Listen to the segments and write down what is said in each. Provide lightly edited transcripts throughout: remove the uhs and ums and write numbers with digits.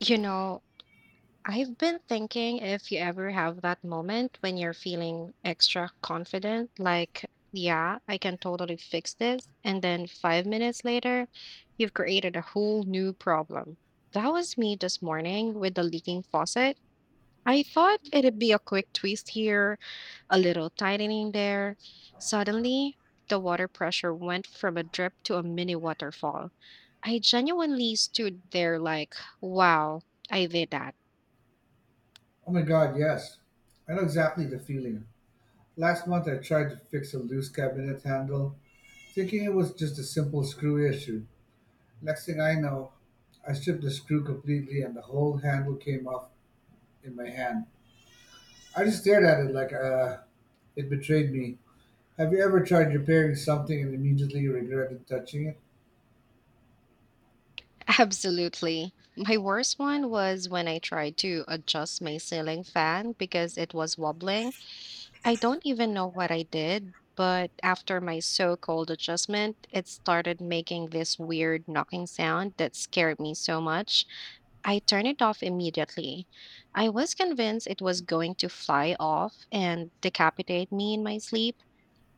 You know, I've been thinking if you ever have that moment when you're feeling extra confident, like, yeah, I can totally fix this. And then 5 minutes later, you've created a whole new problem. That was me this morning with the leaking faucet. I thought it'd be a quick twist here, a little tightening there. Suddenly, the water pressure went from a drip to a mini waterfall. I genuinely stood there like, wow, I did that. Oh my god, yes. I know exactly the feeling. Last month I tried to fix a loose cabinet handle, thinking it was just a simple screw issue. Next thing I know, I stripped the screw completely and the whole handle came off in my hand. I just stared at it like it betrayed me. Have you ever tried repairing something and immediately regretted touching it? Absolutely. My worst one was when I tried to adjust my ceiling fan because it was wobbling. I don't even know what I did, but after my so called adjustment, it started making this weird knocking sound that scared me so much. I turned it off immediately. I was convinced it was going to fly off and decapitate me in my sleep,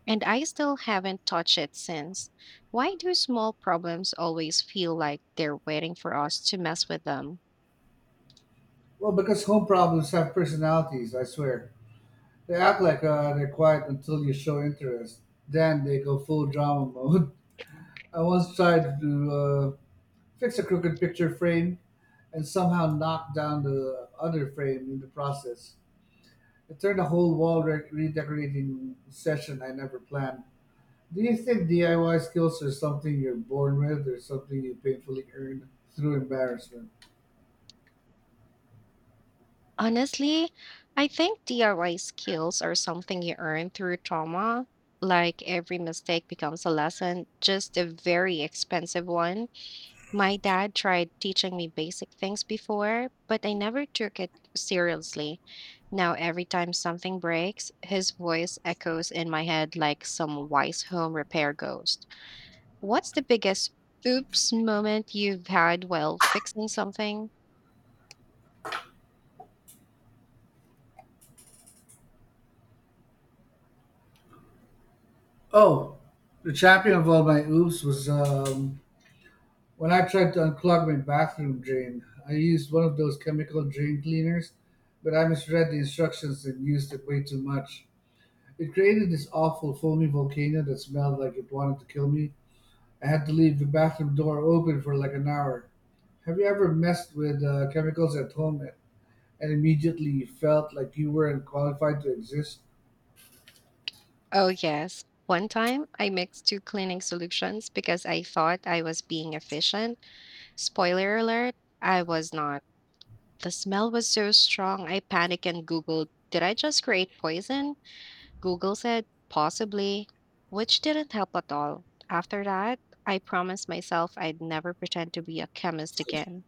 and I still haven't touched it since. Why do small problems always feel like they're waiting for us to mess with them? Well, because home problems have personalities, I swear. They act like they're quiet until you show interest. Then they go full drama mode. I once tried to fix a crooked picture frame and somehow knocked down the other frame in the process. It turned a whole wall redecorating session I never planned. Do you think DIY skills are something you're born with or something you painfully earn through embarrassment? Honestly, I think DIY skills are something you earn through trauma. Like every mistake becomes a lesson, just a very expensive one. My dad tried teaching me basic things before, but I never took it seriously. Now, every time something breaks, his voice echoes in my head like some wise home repair ghost. What's the biggest oops moment you've had while fixing something? Oh, the champion of all my oops was when I tried to unclog my bathroom drain. I used one of those chemical drain cleaners, but I misread the instructions and used it way too much. It created this awful foamy volcano that smelled like it wanted to kill me. I had to leave the bathroom door open for like an hour. Have you ever messed with chemicals at home and immediately felt like you weren't qualified to exist? Oh, yes. One time, I mixed two cleaning solutions because I thought I was being efficient. Spoiler alert, I was not. The smell was so strong, I panicked and Googled, did I just create poison? Google said, possibly, which didn't help at all. After that, I promised myself I'd never pretend to be a chemist again.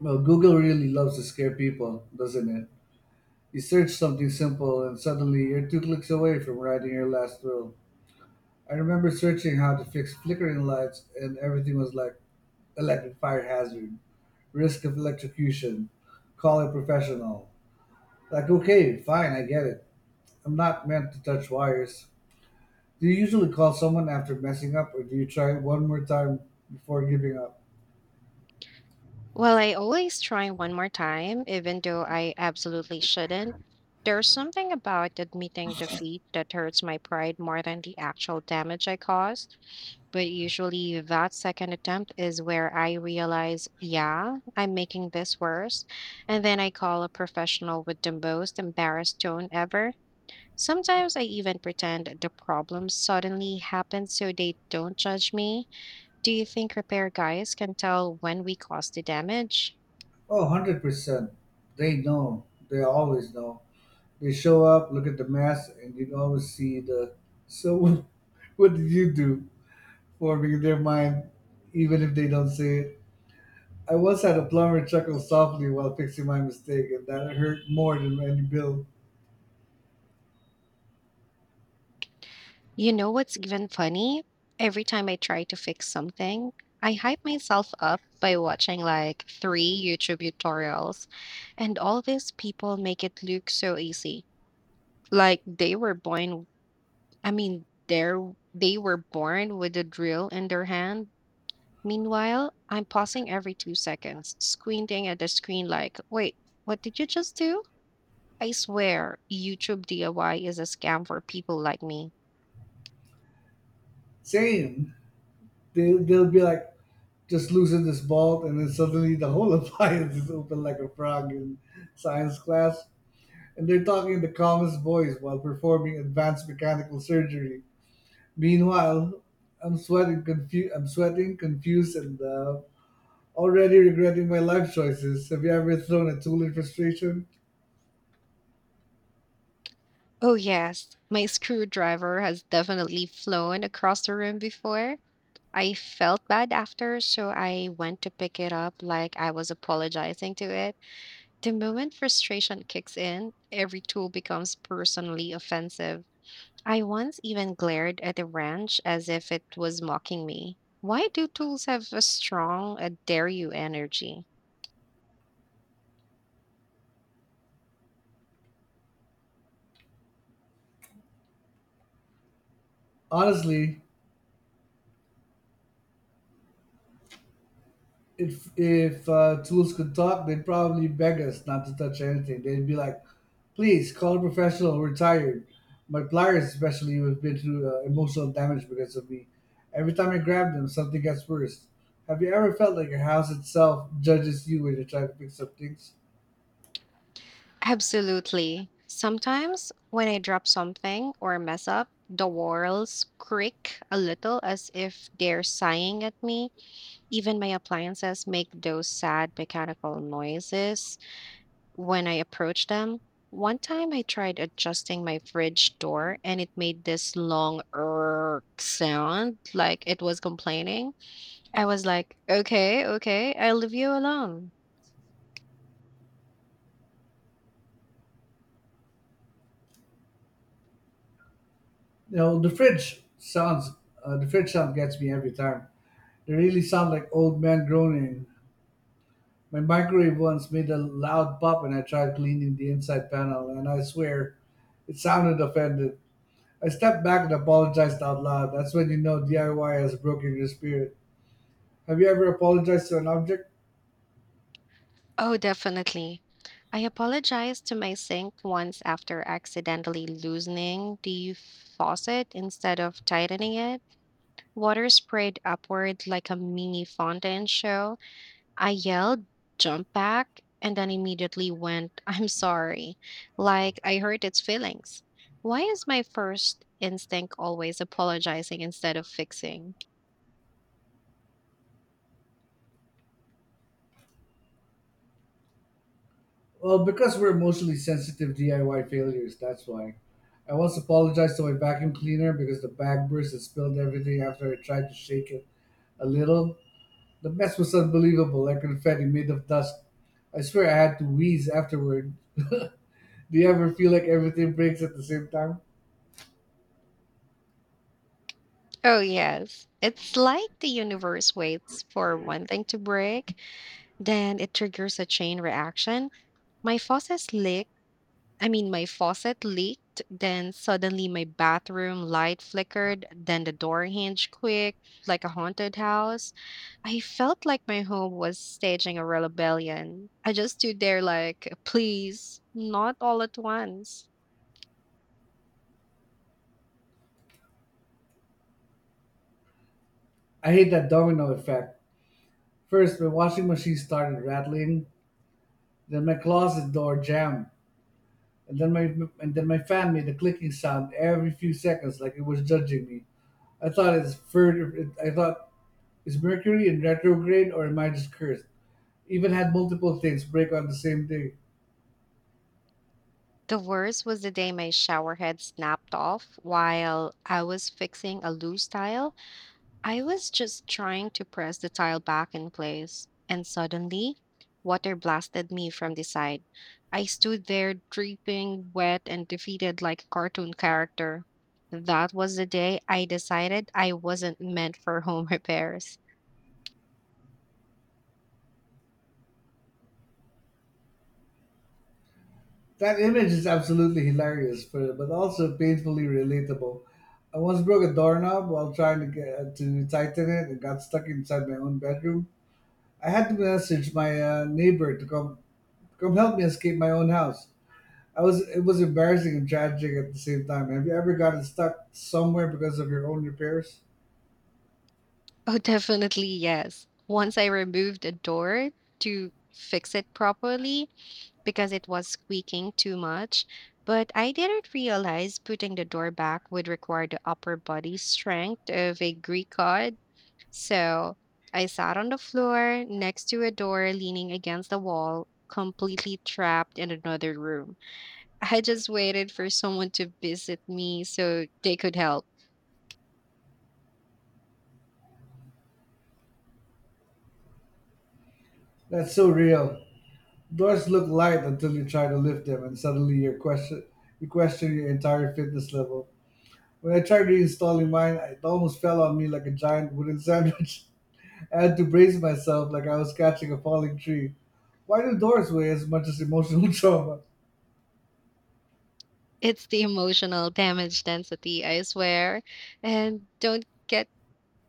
Well, Google really loves to scare people, doesn't it? You search something simple and suddenly you're two clicks away from writing your last will. I remember searching how to fix flickering lights and everything was like electric fire hazard, risk of electrocution, call a professional. Like, okay, fine, I get it. I'm not meant to touch wires. Do you usually call someone after messing up, or do you try one more time before giving up? Well, I always try one more time, even though I absolutely shouldn't. There's something about admitting defeat that hurts my pride more than the actual damage I caused. But usually, that second attempt is where I realize, yeah, I'm making this worse. And then I call a professional with the most embarrassed tone ever. Sometimes I even pretend the problem suddenly happens so they don't judge me. Do you think repair guys can tell when we caused the damage? Oh, 100%. They know. They always know. They show up, look at the mess, and you can always see the. So, what did you do? Forming in their mind, even if they don't say it. I once had a plumber chuckle softly while fixing my mistake, and that hurt more than any bill. You know what's even funny? Every time I try to fix something, I hype myself up by watching like three YouTube tutorials, and all these people make it look so easy. Like I mean, they're, they were born with a drill in their hand. Meanwhile, I'm pausing every 2 seconds, squinting at the screen like, wait, what did you just do? I swear, YouTube DIY is a scam for people like me. Same. They'll be like, just loosen this bolt, and then suddenly the whole appliance is open like a frog in science class. And they're talking in the calmest voice while performing advanced mechanical surgery. Meanwhile, I'm sweating, confused, and already regretting my life choices. Have you ever thrown a tool in frustration? Oh, yes, my screwdriver has definitely flown across the room before. I felt bad after, so I went to pick it up like I was apologizing to it. The moment frustration kicks in, every tool becomes personally offensive. I once even glared at a wrench as if it was mocking me. Why do tools have a strong, a dare you energy? Honestly, if tools could talk, they'd probably beg us not to touch anything. They'd be like, "Please call a professional. We're tired." My pliers, especially, have been through emotional damage because of me. Every time I grab them, something gets worse. Have you ever felt like your house itself judges you when you're trying to fix up things? Absolutely. Sometimes when I drop something or mess up, the walls creak a little as if they're sighing at me. Even my appliances make those sad mechanical noises when I approach them. One time I tried adjusting my fridge door and it made this long err sound like it was complaining. I was like, okay, okay, I'll leave you alone. You know, the fridge sounds. The fridge sound gets me every time. They really sound like old men groaning. My microwave once made a loud pop, and I tried cleaning the inside panel, and I swear it sounded offended. I stepped back and apologized out loud. That's when you know DIY has broken your spirit. Have you ever apologized to an object? Oh, definitely. I apologized to my sink once after accidentally loosening the faucet instead of tightening it. Water sprayed upward like a mini fountain show. I yelled, jumped back, and then immediately went, I'm sorry, like I hurt its feelings. Why is my first instinct always apologizing instead of fixing? Well, because we're emotionally sensitive DIY failures, that's why. I once apologized to my vacuum cleaner because the bag burst and spilled everything after I tried to shake it a little. The mess was unbelievable, like confetti made of dust. I swear I had to wheeze afterward. Do you ever feel like everything breaks at the same time? Oh, yes. It's like the universe waits for one thing to break, then it triggers a chain reaction. My faucet leaked. My faucet leaked, then suddenly my bathroom light flickered, then the door hinge quick, like a haunted house. I felt like my home was staging a rebellion. I just stood there like, please, not all at once. I hate that domino effect. First, my washing machine started rattling, then my closet door jammed, and then my fan made a clicking sound every few seconds, like it was judging me. I thought it's further. I thought is Mercury in retrograde or am I just cursed? Even had multiple things break on the same day. The worst was the day my shower head snapped off while I was fixing a loose tile. I was just trying to press the tile back in place, and suddenly, water blasted me from the side. I stood there dripping, wet, and defeated like a cartoon character. That was the day I decided I wasn't meant for home repairs. That image is absolutely hilarious, but also painfully relatable. I once broke a doorknob while trying to get to tighten it and got stuck inside my own bedroom. I had to message my neighbor to come help me escape my own house. I was it was embarrassing and tragic at the same time. Have you ever gotten stuck somewhere because of your own repairs? Oh, definitely, yes. Once I removed a door to fix it properly because it was squeaking too much, but I didn't realize putting the door back would require the upper body strength of a Greek god. So I sat on the floor next to a door leaning against the wall, completely trapped in another room. I just waited for someone to visit me so they could help. That's so real. Doors look light until you try to lift them and suddenly you question your entire fitness level. When I tried reinstalling mine, it almost fell on me like a giant wooden sandwich. I had to brace myself like I was catching a falling tree. Why do doors weigh as much as emotional trauma? It's the emotional damage density, I swear. And don't get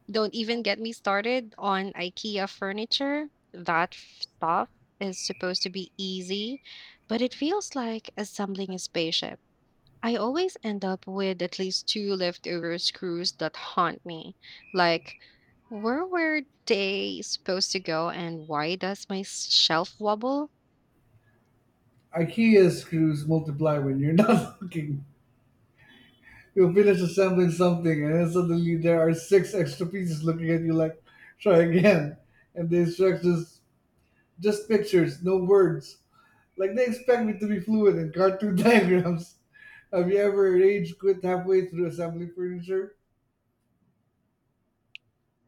don't even get me started on IKEA furniture. That stuff is supposed to be easy, but it feels like assembling a spaceship. I always end up with at least two leftover screws that haunt me. Like, where were they supposed to go and why does my shelf wobble? IKEA screws multiply when you're not looking. You finish assembling something, and then suddenly there are six extra pieces looking at you like, try again. And the instructions, just pictures, no words. Like they expect me to be fluent in cartoon diagrams. Have you ever rage quit halfway through assembling furniture?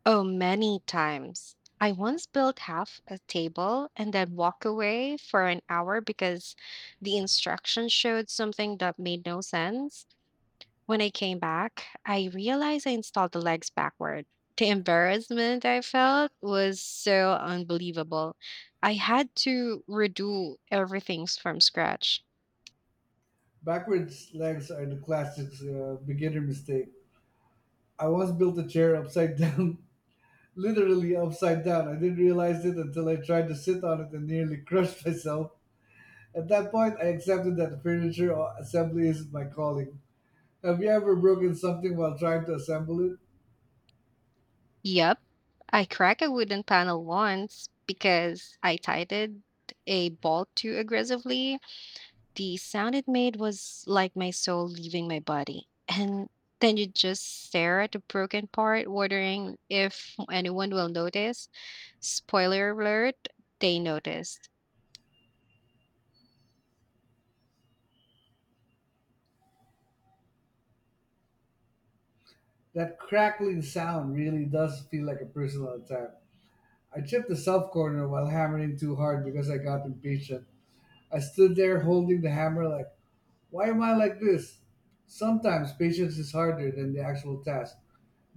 Oh, many times. I once built half a table and then walked away for an hour because the instructions showed something that made no sense. When I came back, I realized I installed the legs backward. The embarrassment I felt was so unbelievable. I had to redo everything from scratch. Backwards legs are the classic beginner mistake. I once built a chair upside down, literally upside down. I didn't realize it until I tried to sit on it and nearly crushed myself. At that point, I accepted that furniture assembly isn't my calling. Have you ever broken something while trying to assemble it? Yep, I cracked a wooden panel once because I tightened a bolt too aggressively. The sound it made was like my soul leaving my body. And then you just stare at the broken part, wondering if anyone will notice. Spoiler alert, they noticed. That crackling sound really does feel like a personal attack. I chipped the self corner while hammering too hard because I got impatient. I stood there holding the hammer like, why am I like this? Sometimes patience is harder than the actual task.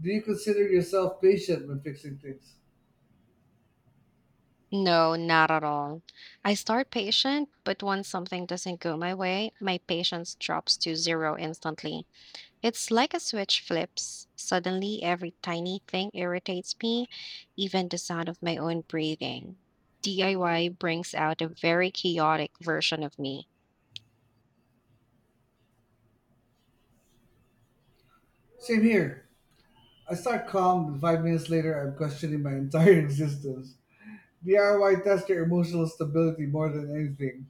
Do you consider yourself patient when fixing things? No, not at all. I start patient, but once something doesn't go my way, my patience drops to zero instantly. It's like a switch flips. Suddenly, every tiny thing irritates me, even the sound of my own breathing. DIY brings out a very chaotic version of me. Same here. I start calm, but 5 minutes later, I'm questioning my entire existence. DIY tested emotional stability more than anything.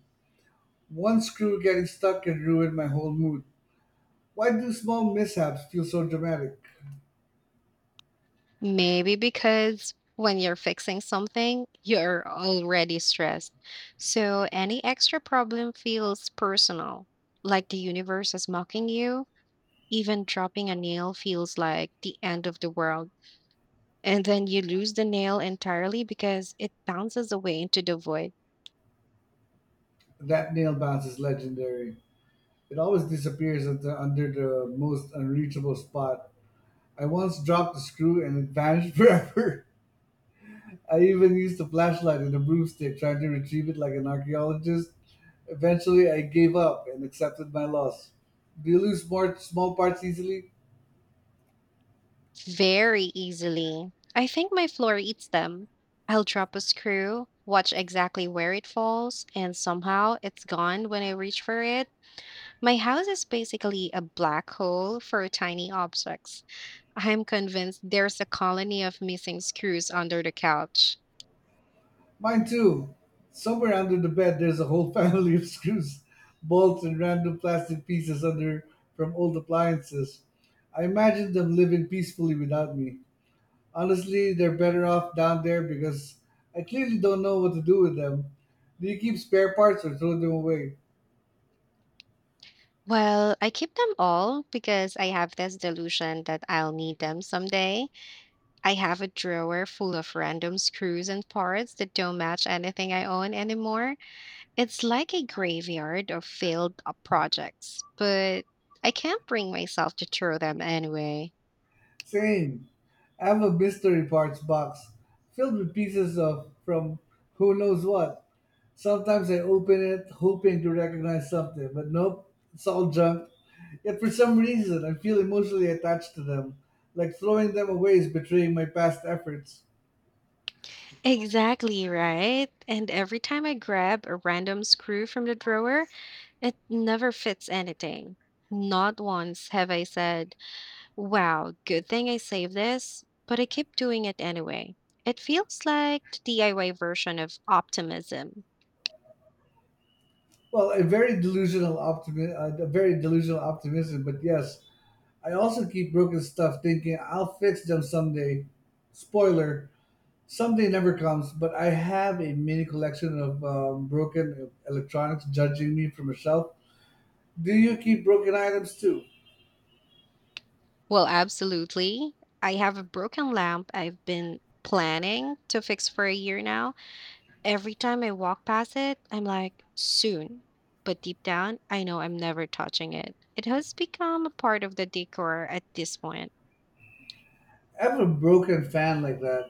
One screw getting stuck can ruin my whole mood. Why do small mishaps feel so dramatic? Maybe because when you're fixing something, you're already stressed. So any extra problem feels personal, like the universe is mocking you. Even dropping a nail feels like the end of the world. And then you lose the nail entirely because it bounces away into the void. That nail bounce is legendary. It always disappears under the most unreachable spot. I once dropped the screw and it vanished forever. I even used a flashlight and a broomstick trying to retrieve it like an archaeologist. Eventually, I gave up and accepted my loss. Do you lose more small parts easily? Very easily. I think my floor eats them. I'll drop a screw, watch exactly where it falls, and somehow it's gone when I reach for it. My house is basically a black hole for tiny objects. I'm convinced there's a colony of missing screws under the couch. Mine too. Somewhere under the bed, there's a whole family of screws, bolts, and random plastic pieces under from old appliances. I imagine them living peacefully without me. Honestly, they're better off down there because I clearly don't know what to do with them. Do you keep spare parts or throw them away? Well, I keep them all because I have this delusion that I'll need them someday. I have a drawer full of random screws and parts that don't match anything I own anymore. It's like a graveyard of failed projects, but I can't bring myself to throw them anyway. Same. I have a mystery parts box filled with pieces of from who knows what. Sometimes I open it hoping to recognize something, but nope, it's all junk. Yet for some reason, I feel emotionally attached to them, like throwing them away is betraying my past efforts. Exactly right. And every time I grab a random screw from the drawer, it never fits anything. Not once have I said, wow, good thing I saved this, but I keep doing it anyway. It feels like the DIY version of optimism. Well, a very delusional optimism, but yes, I also keep broken stuff thinking I'll fix them someday. Spoiler, someday never comes, but I have a mini collection of broken electronics judging me from a shelf. Do you keep broken items too? Well, absolutely. I have a broken lamp I've been planning to fix for a year now. Every time I walk past it, I'm like, soon. But deep down, I know I'm never touching it. It has become a part of the decor at this point. I have a broken fan like that.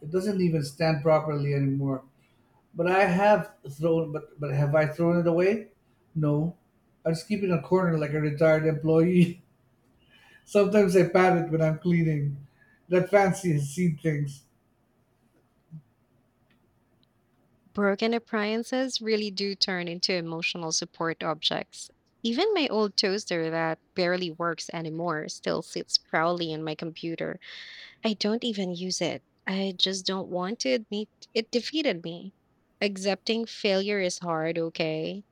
It doesn't even stand properly anymore. But I have thrown but have I thrown it away? No. I just keep it in a corner like a retired employee. Sometimes I pat it when I'm cleaning. That fancy has seen things Broken appliances really do turn into emotional support objects. Even my old toaster that barely works anymore still sits proudly on my computer. I don't even use it. I just don't want to admit it defeated me. Accepting failure is hard, okay?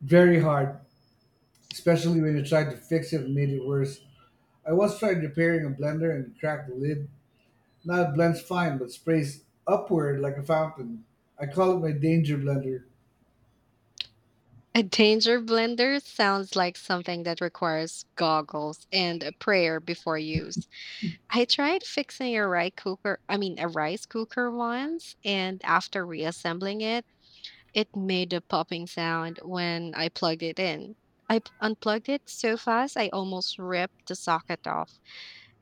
very hard, especially when you tried to fix it and made it worse. I once tried repairing a blender and cracked the lid. Now it blends fine but sprays upward like a fountain. I call it my danger blender. A danger blender sounds like something that requires goggles and a prayer before use. I tried fixing a rice cooker once, and after reassembling it, it made a popping sound when I plugged it in. I unplugged it so fast I almost ripped the socket off.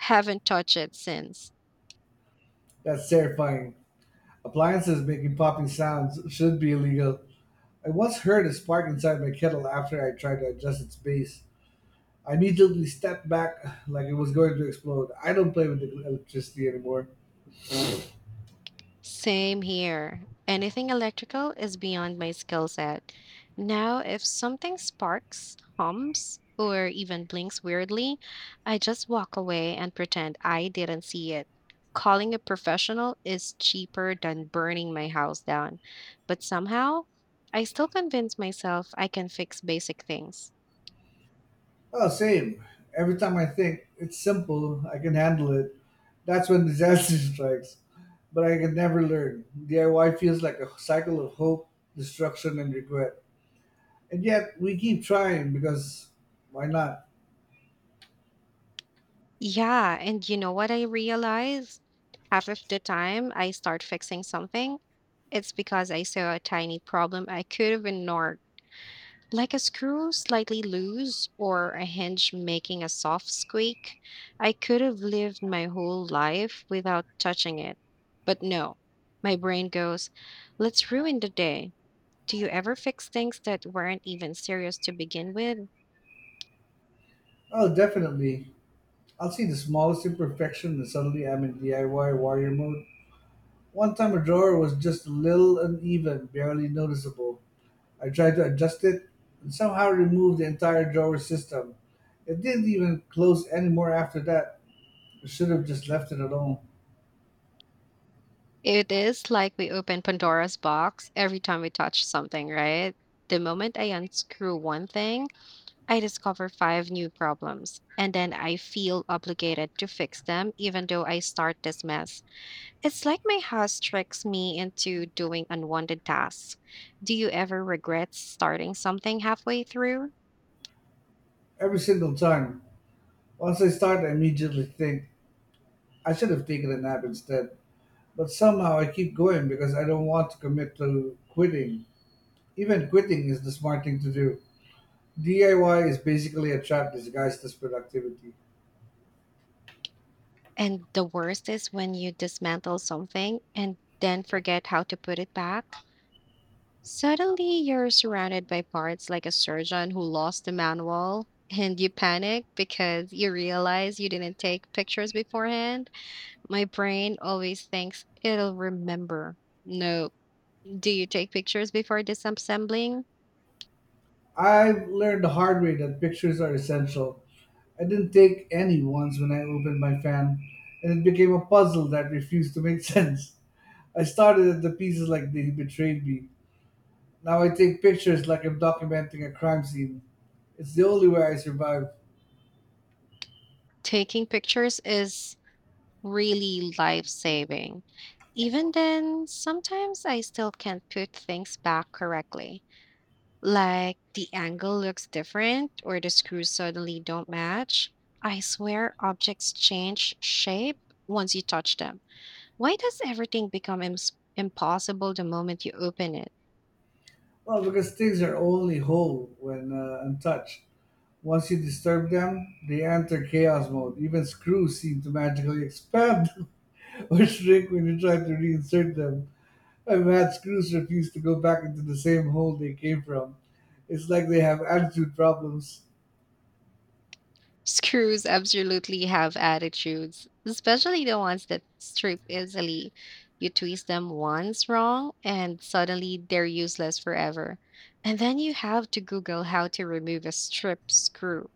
Haven't touched it since. That's terrifying. Appliances making popping sounds should be illegal. I once heard a spark inside my kettle after I tried to adjust its base. I immediately stepped back like it was going to explode. I don't play with electricity anymore. Same here. Anything electrical is beyond my skill set. Now, if something sparks, hums, or even blinks weirdly, I just walk away and pretend I didn't see it. Calling a professional is cheaper than burning my house down. But somehow, I still convince myself I can fix basic things. Oh, same. Every time I think it's simple, I can handle it. That's when disaster strikes. But I can never learn. DIY feels like a cycle of hope, destruction, and regret. And yet we keep trying because why not? Yeah, and you know what I realized? Half of the time I start fixing something, it's because I saw a tiny problem I could have ignored, like a screw slightly loose or a hinge making a soft squeak. I could have lived my whole life without touching it. But no, my brain goes, let's ruin the day. Do you ever fix things that weren't even serious to begin with? Oh, definitely. I'll see the smallest imperfection and suddenly I'm in DIY warrior mode. One time a drawer was just a little uneven, barely noticeable. I tried to adjust it and somehow removed the entire drawer system. It didn't even close anymore after that. I should have just left it alone. It is like we open Pandora's box every time we touch something, right? The moment I unscrew one thing, I discover five new problems, and then I feel obligated to fix them even though I start this mess. It's like my house tricks me into doing unwanted tasks. Do you ever regret starting something halfway through? Every single time. Once I start, I immediately think I should have taken a nap instead. But somehow I keep going because I don't want to commit to quitting. Even quitting is the smart thing to do. DIY is basically a trap disguised as productivity. And the worst is when you dismantle something and then forget how to put it back. Suddenly, you're surrounded by parts like a surgeon who lost the manual, and you panic because you realize you didn't take pictures beforehand. My brain always thinks it'll remember. No, do you take pictures before disassembling? I've learned the hard way that pictures are essential. I didn't take any once when I opened my fan, and it became a puzzle that refused to make sense. I started at the pieces like they betrayed me. Now I take pictures like I'm documenting a crime scene. It's the only way I survive. Taking pictures is really life saving. Even then, sometimes I still can't put things back correctly, like the angle looks different or the screws suddenly don't match. I swear objects change shape once you touch them. Why does everything become impossible the moment you open it? Well, because things are only whole when untouched. Once you disturb them, they enter chaos mode. Even screws seem to magically expand. Or shrink when you try to reinsert them. And mad screws refuse to go back into the same hole they came from. It's like they have attitude problems. Screws absolutely have attitudes, especially the ones that strip easily. You twist them once wrong, and suddenly they're useless forever. And then you have to Google how to remove a strip screw,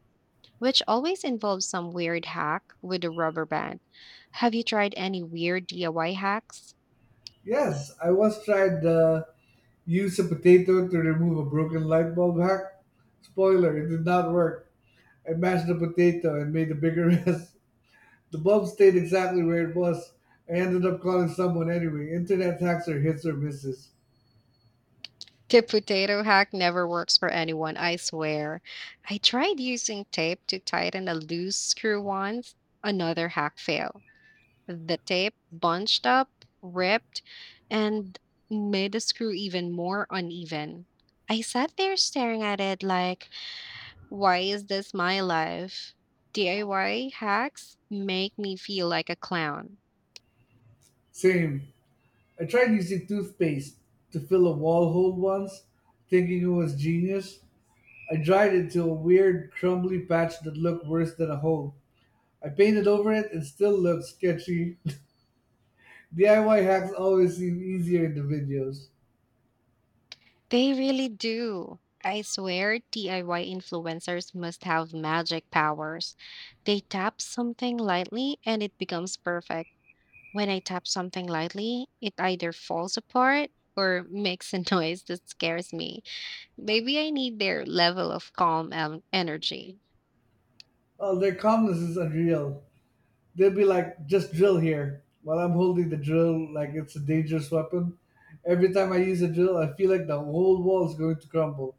which always involves some weird hack with a rubber band. Have you tried any weird DIY hacks? Yes, I once tried to use a potato to remove a broken light bulb hack. Spoiler, it did not work. I mashed the potato and made a bigger mess. The bulb stayed exactly where it was. I ended up calling someone anyway. Internet hacks are hits or misses. The potato hack never works for anyone, I swear. I tried using tape to tighten a loose screw once, another hack fail. The tape bunched up, ripped, and made the screw even more uneven. I sat there staring at it like, why is this my life? DIY hacks make me feel like a clown. Same. I tried using toothpaste to fill a wall hole once, thinking it was genius. I dried it to a weird, crumbly patch that looked worse than a hole. I painted over it and still looked sketchy. DIY hacks always seem easier in the videos. They really do. I swear DIY influencers must have magic powers. They tap something lightly and it becomes perfect. When I tap something lightly, it either falls apart or makes a noise that scares me. Maybe I need their level of calm and energy. Oh, their calmness is unreal. They'll be like, just drill here, while I'm holding the drill like it's a dangerous weapon. Every time I use a drill, I feel like the whole wall is going to crumble.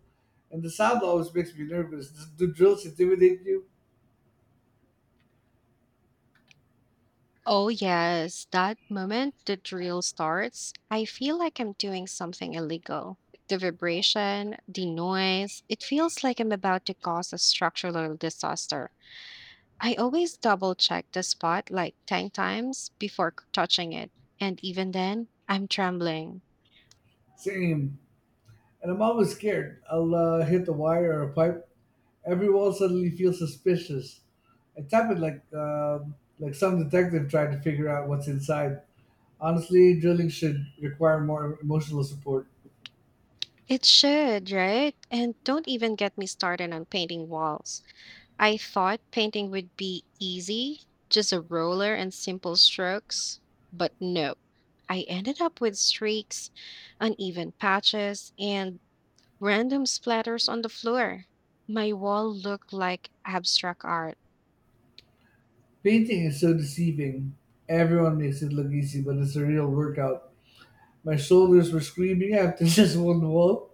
And the sound always makes me nervous. Do drills intimidate you? Oh, yes, that moment the drill starts, I feel like I'm doing something illegal. The vibration, the noise, it feels like I'm about to cause a structural disaster. I always double check the spot like 10 times before touching it, and even then, I'm trembling. Same. And I'm always scared. I'll hit a wire or a pipe. Every wall suddenly feels suspicious. It's happened like some detective trying to figure out what's inside. Honestly, drilling should require more emotional support. It should, right? And don't even get me started on painting walls. I thought painting would be easy, just a roller and simple strokes, but no. I ended up with streaks, uneven patches, and random splatters on the floor. My wall looked like abstract art. Painting is so deceiving. Everyone makes it look easy, but it's a real workout. My shoulders were screaming after just one wall,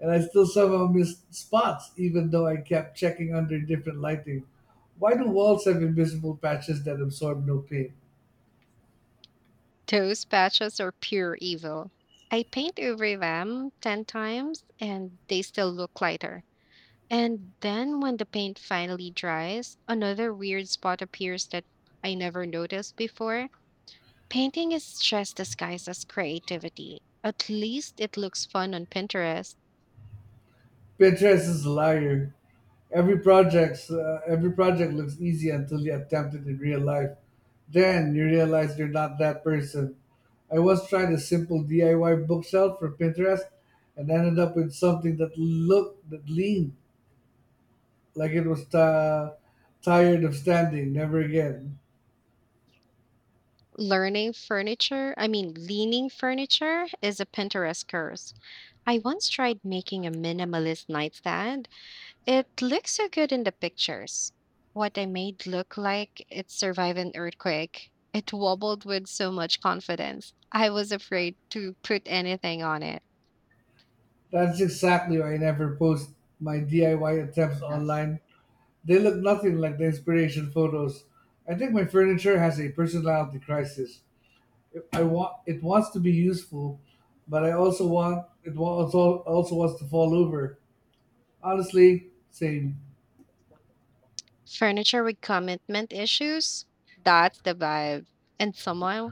and I still somehow missed spots, even though I kept checking under different lighting. Why do walls have invisible patches that absorb no paint? Those patches are pure evil. I paint over them 10 times and they still look lighter. And then when the paint finally dries, another weird spot appears that I never noticed before. Painting is just disguised as creativity. At least it looks fun on Pinterest. Pinterest is a liar. Every project looks easy until you attempt it in real life. Then you realize you're not that person. I once tried a simple DIY bookshelf for Pinterest and ended up with something that leaned like it was tired of standing. Never again. Learning furniture, I mean, Leaning furniture is a Pinterest curse. I once tried making a minimalist nightstand. It looks so good in the pictures. What I made look like it survived an earthquake. It wobbled with so much confidence. I was afraid to put anything on it. That's exactly why I never post my DIY attempts online. They look nothing like the inspiration photos. I think my furniture has a personality crisis. I want it wants to be useful, but I also want it wa- also also wants to fall over. Honestly, same. Furniture with commitment issues? That's the vibe, and someone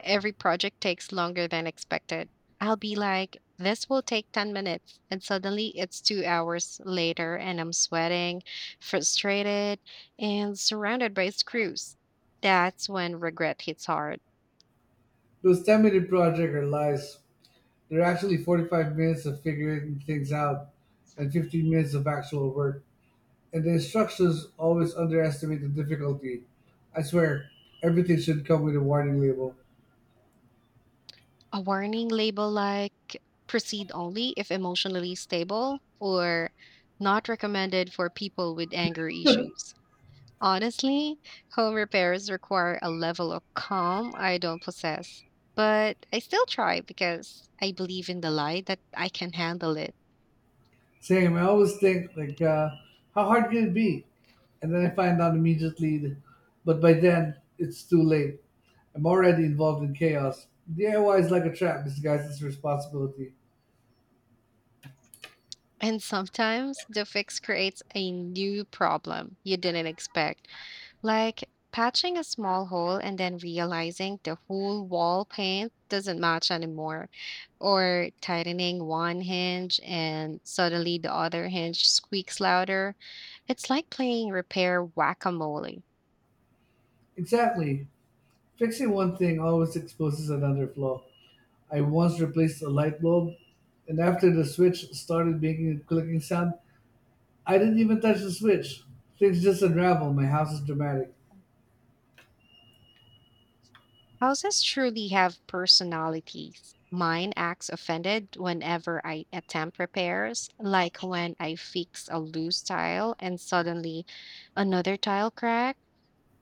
every project takes longer than expected. I'll be like, this will take 10 minutes. And suddenly it's 2 hours later, and I'm sweating, frustrated, and surrounded by screws. That's when regret hits hard. Those 10 minute project are lies. They're actually 45 minutes of figuring things out, and 15 minutes of actual work. And the instructions always underestimate the difficulty. I swear, everything should come with a warning label. A warning label like proceed only if emotionally stable, or not recommended for people with anger issues. Honestly, home repairs require a level of calm I don't possess, but I still try because I believe in the lie that I can handle it. Same. I always think like, how hard can it be? And then I find out immediately, but by then it's too late. I'm already involved in chaos. DIY is like a trap disguised as responsibility. And sometimes the fix creates a new problem you didn't expect, like patching a small hole and then realizing the whole wall paint doesn't match anymore, or tightening one hinge and suddenly the other hinge squeaks louder. It's like playing repair whack a mole. Exactly. Fixing one thing always exposes another flaw. I once replaced a light bulb, and after the switch started making a clicking sound, I didn't even touch the switch. Things just unravel. My house is dramatic. Houses truly have personalities. Mine acts offended whenever I attempt repairs, like when I fix a loose tile and suddenly another tile cracked.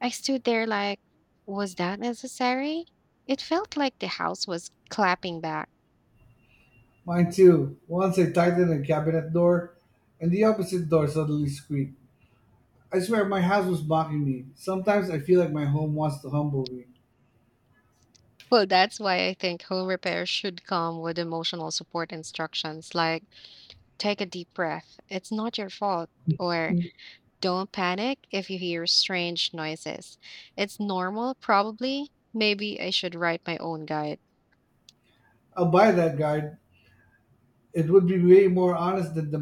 I stood there like, was that necessary? It felt like the house was clapping back. Mine too. Once I tightened a cabinet door, and the opposite door suddenly squeaked. I swear my house was mocking me. Sometimes I feel like my home wants to humble me. Well, that's why I think home repairs should come with emotional support instructions like, take a deep breath, it's not your fault, or don't panic if you hear strange noises. It's normal, probably. Maybe I should write my own guide. I'll buy that guide. It would be way more honest than the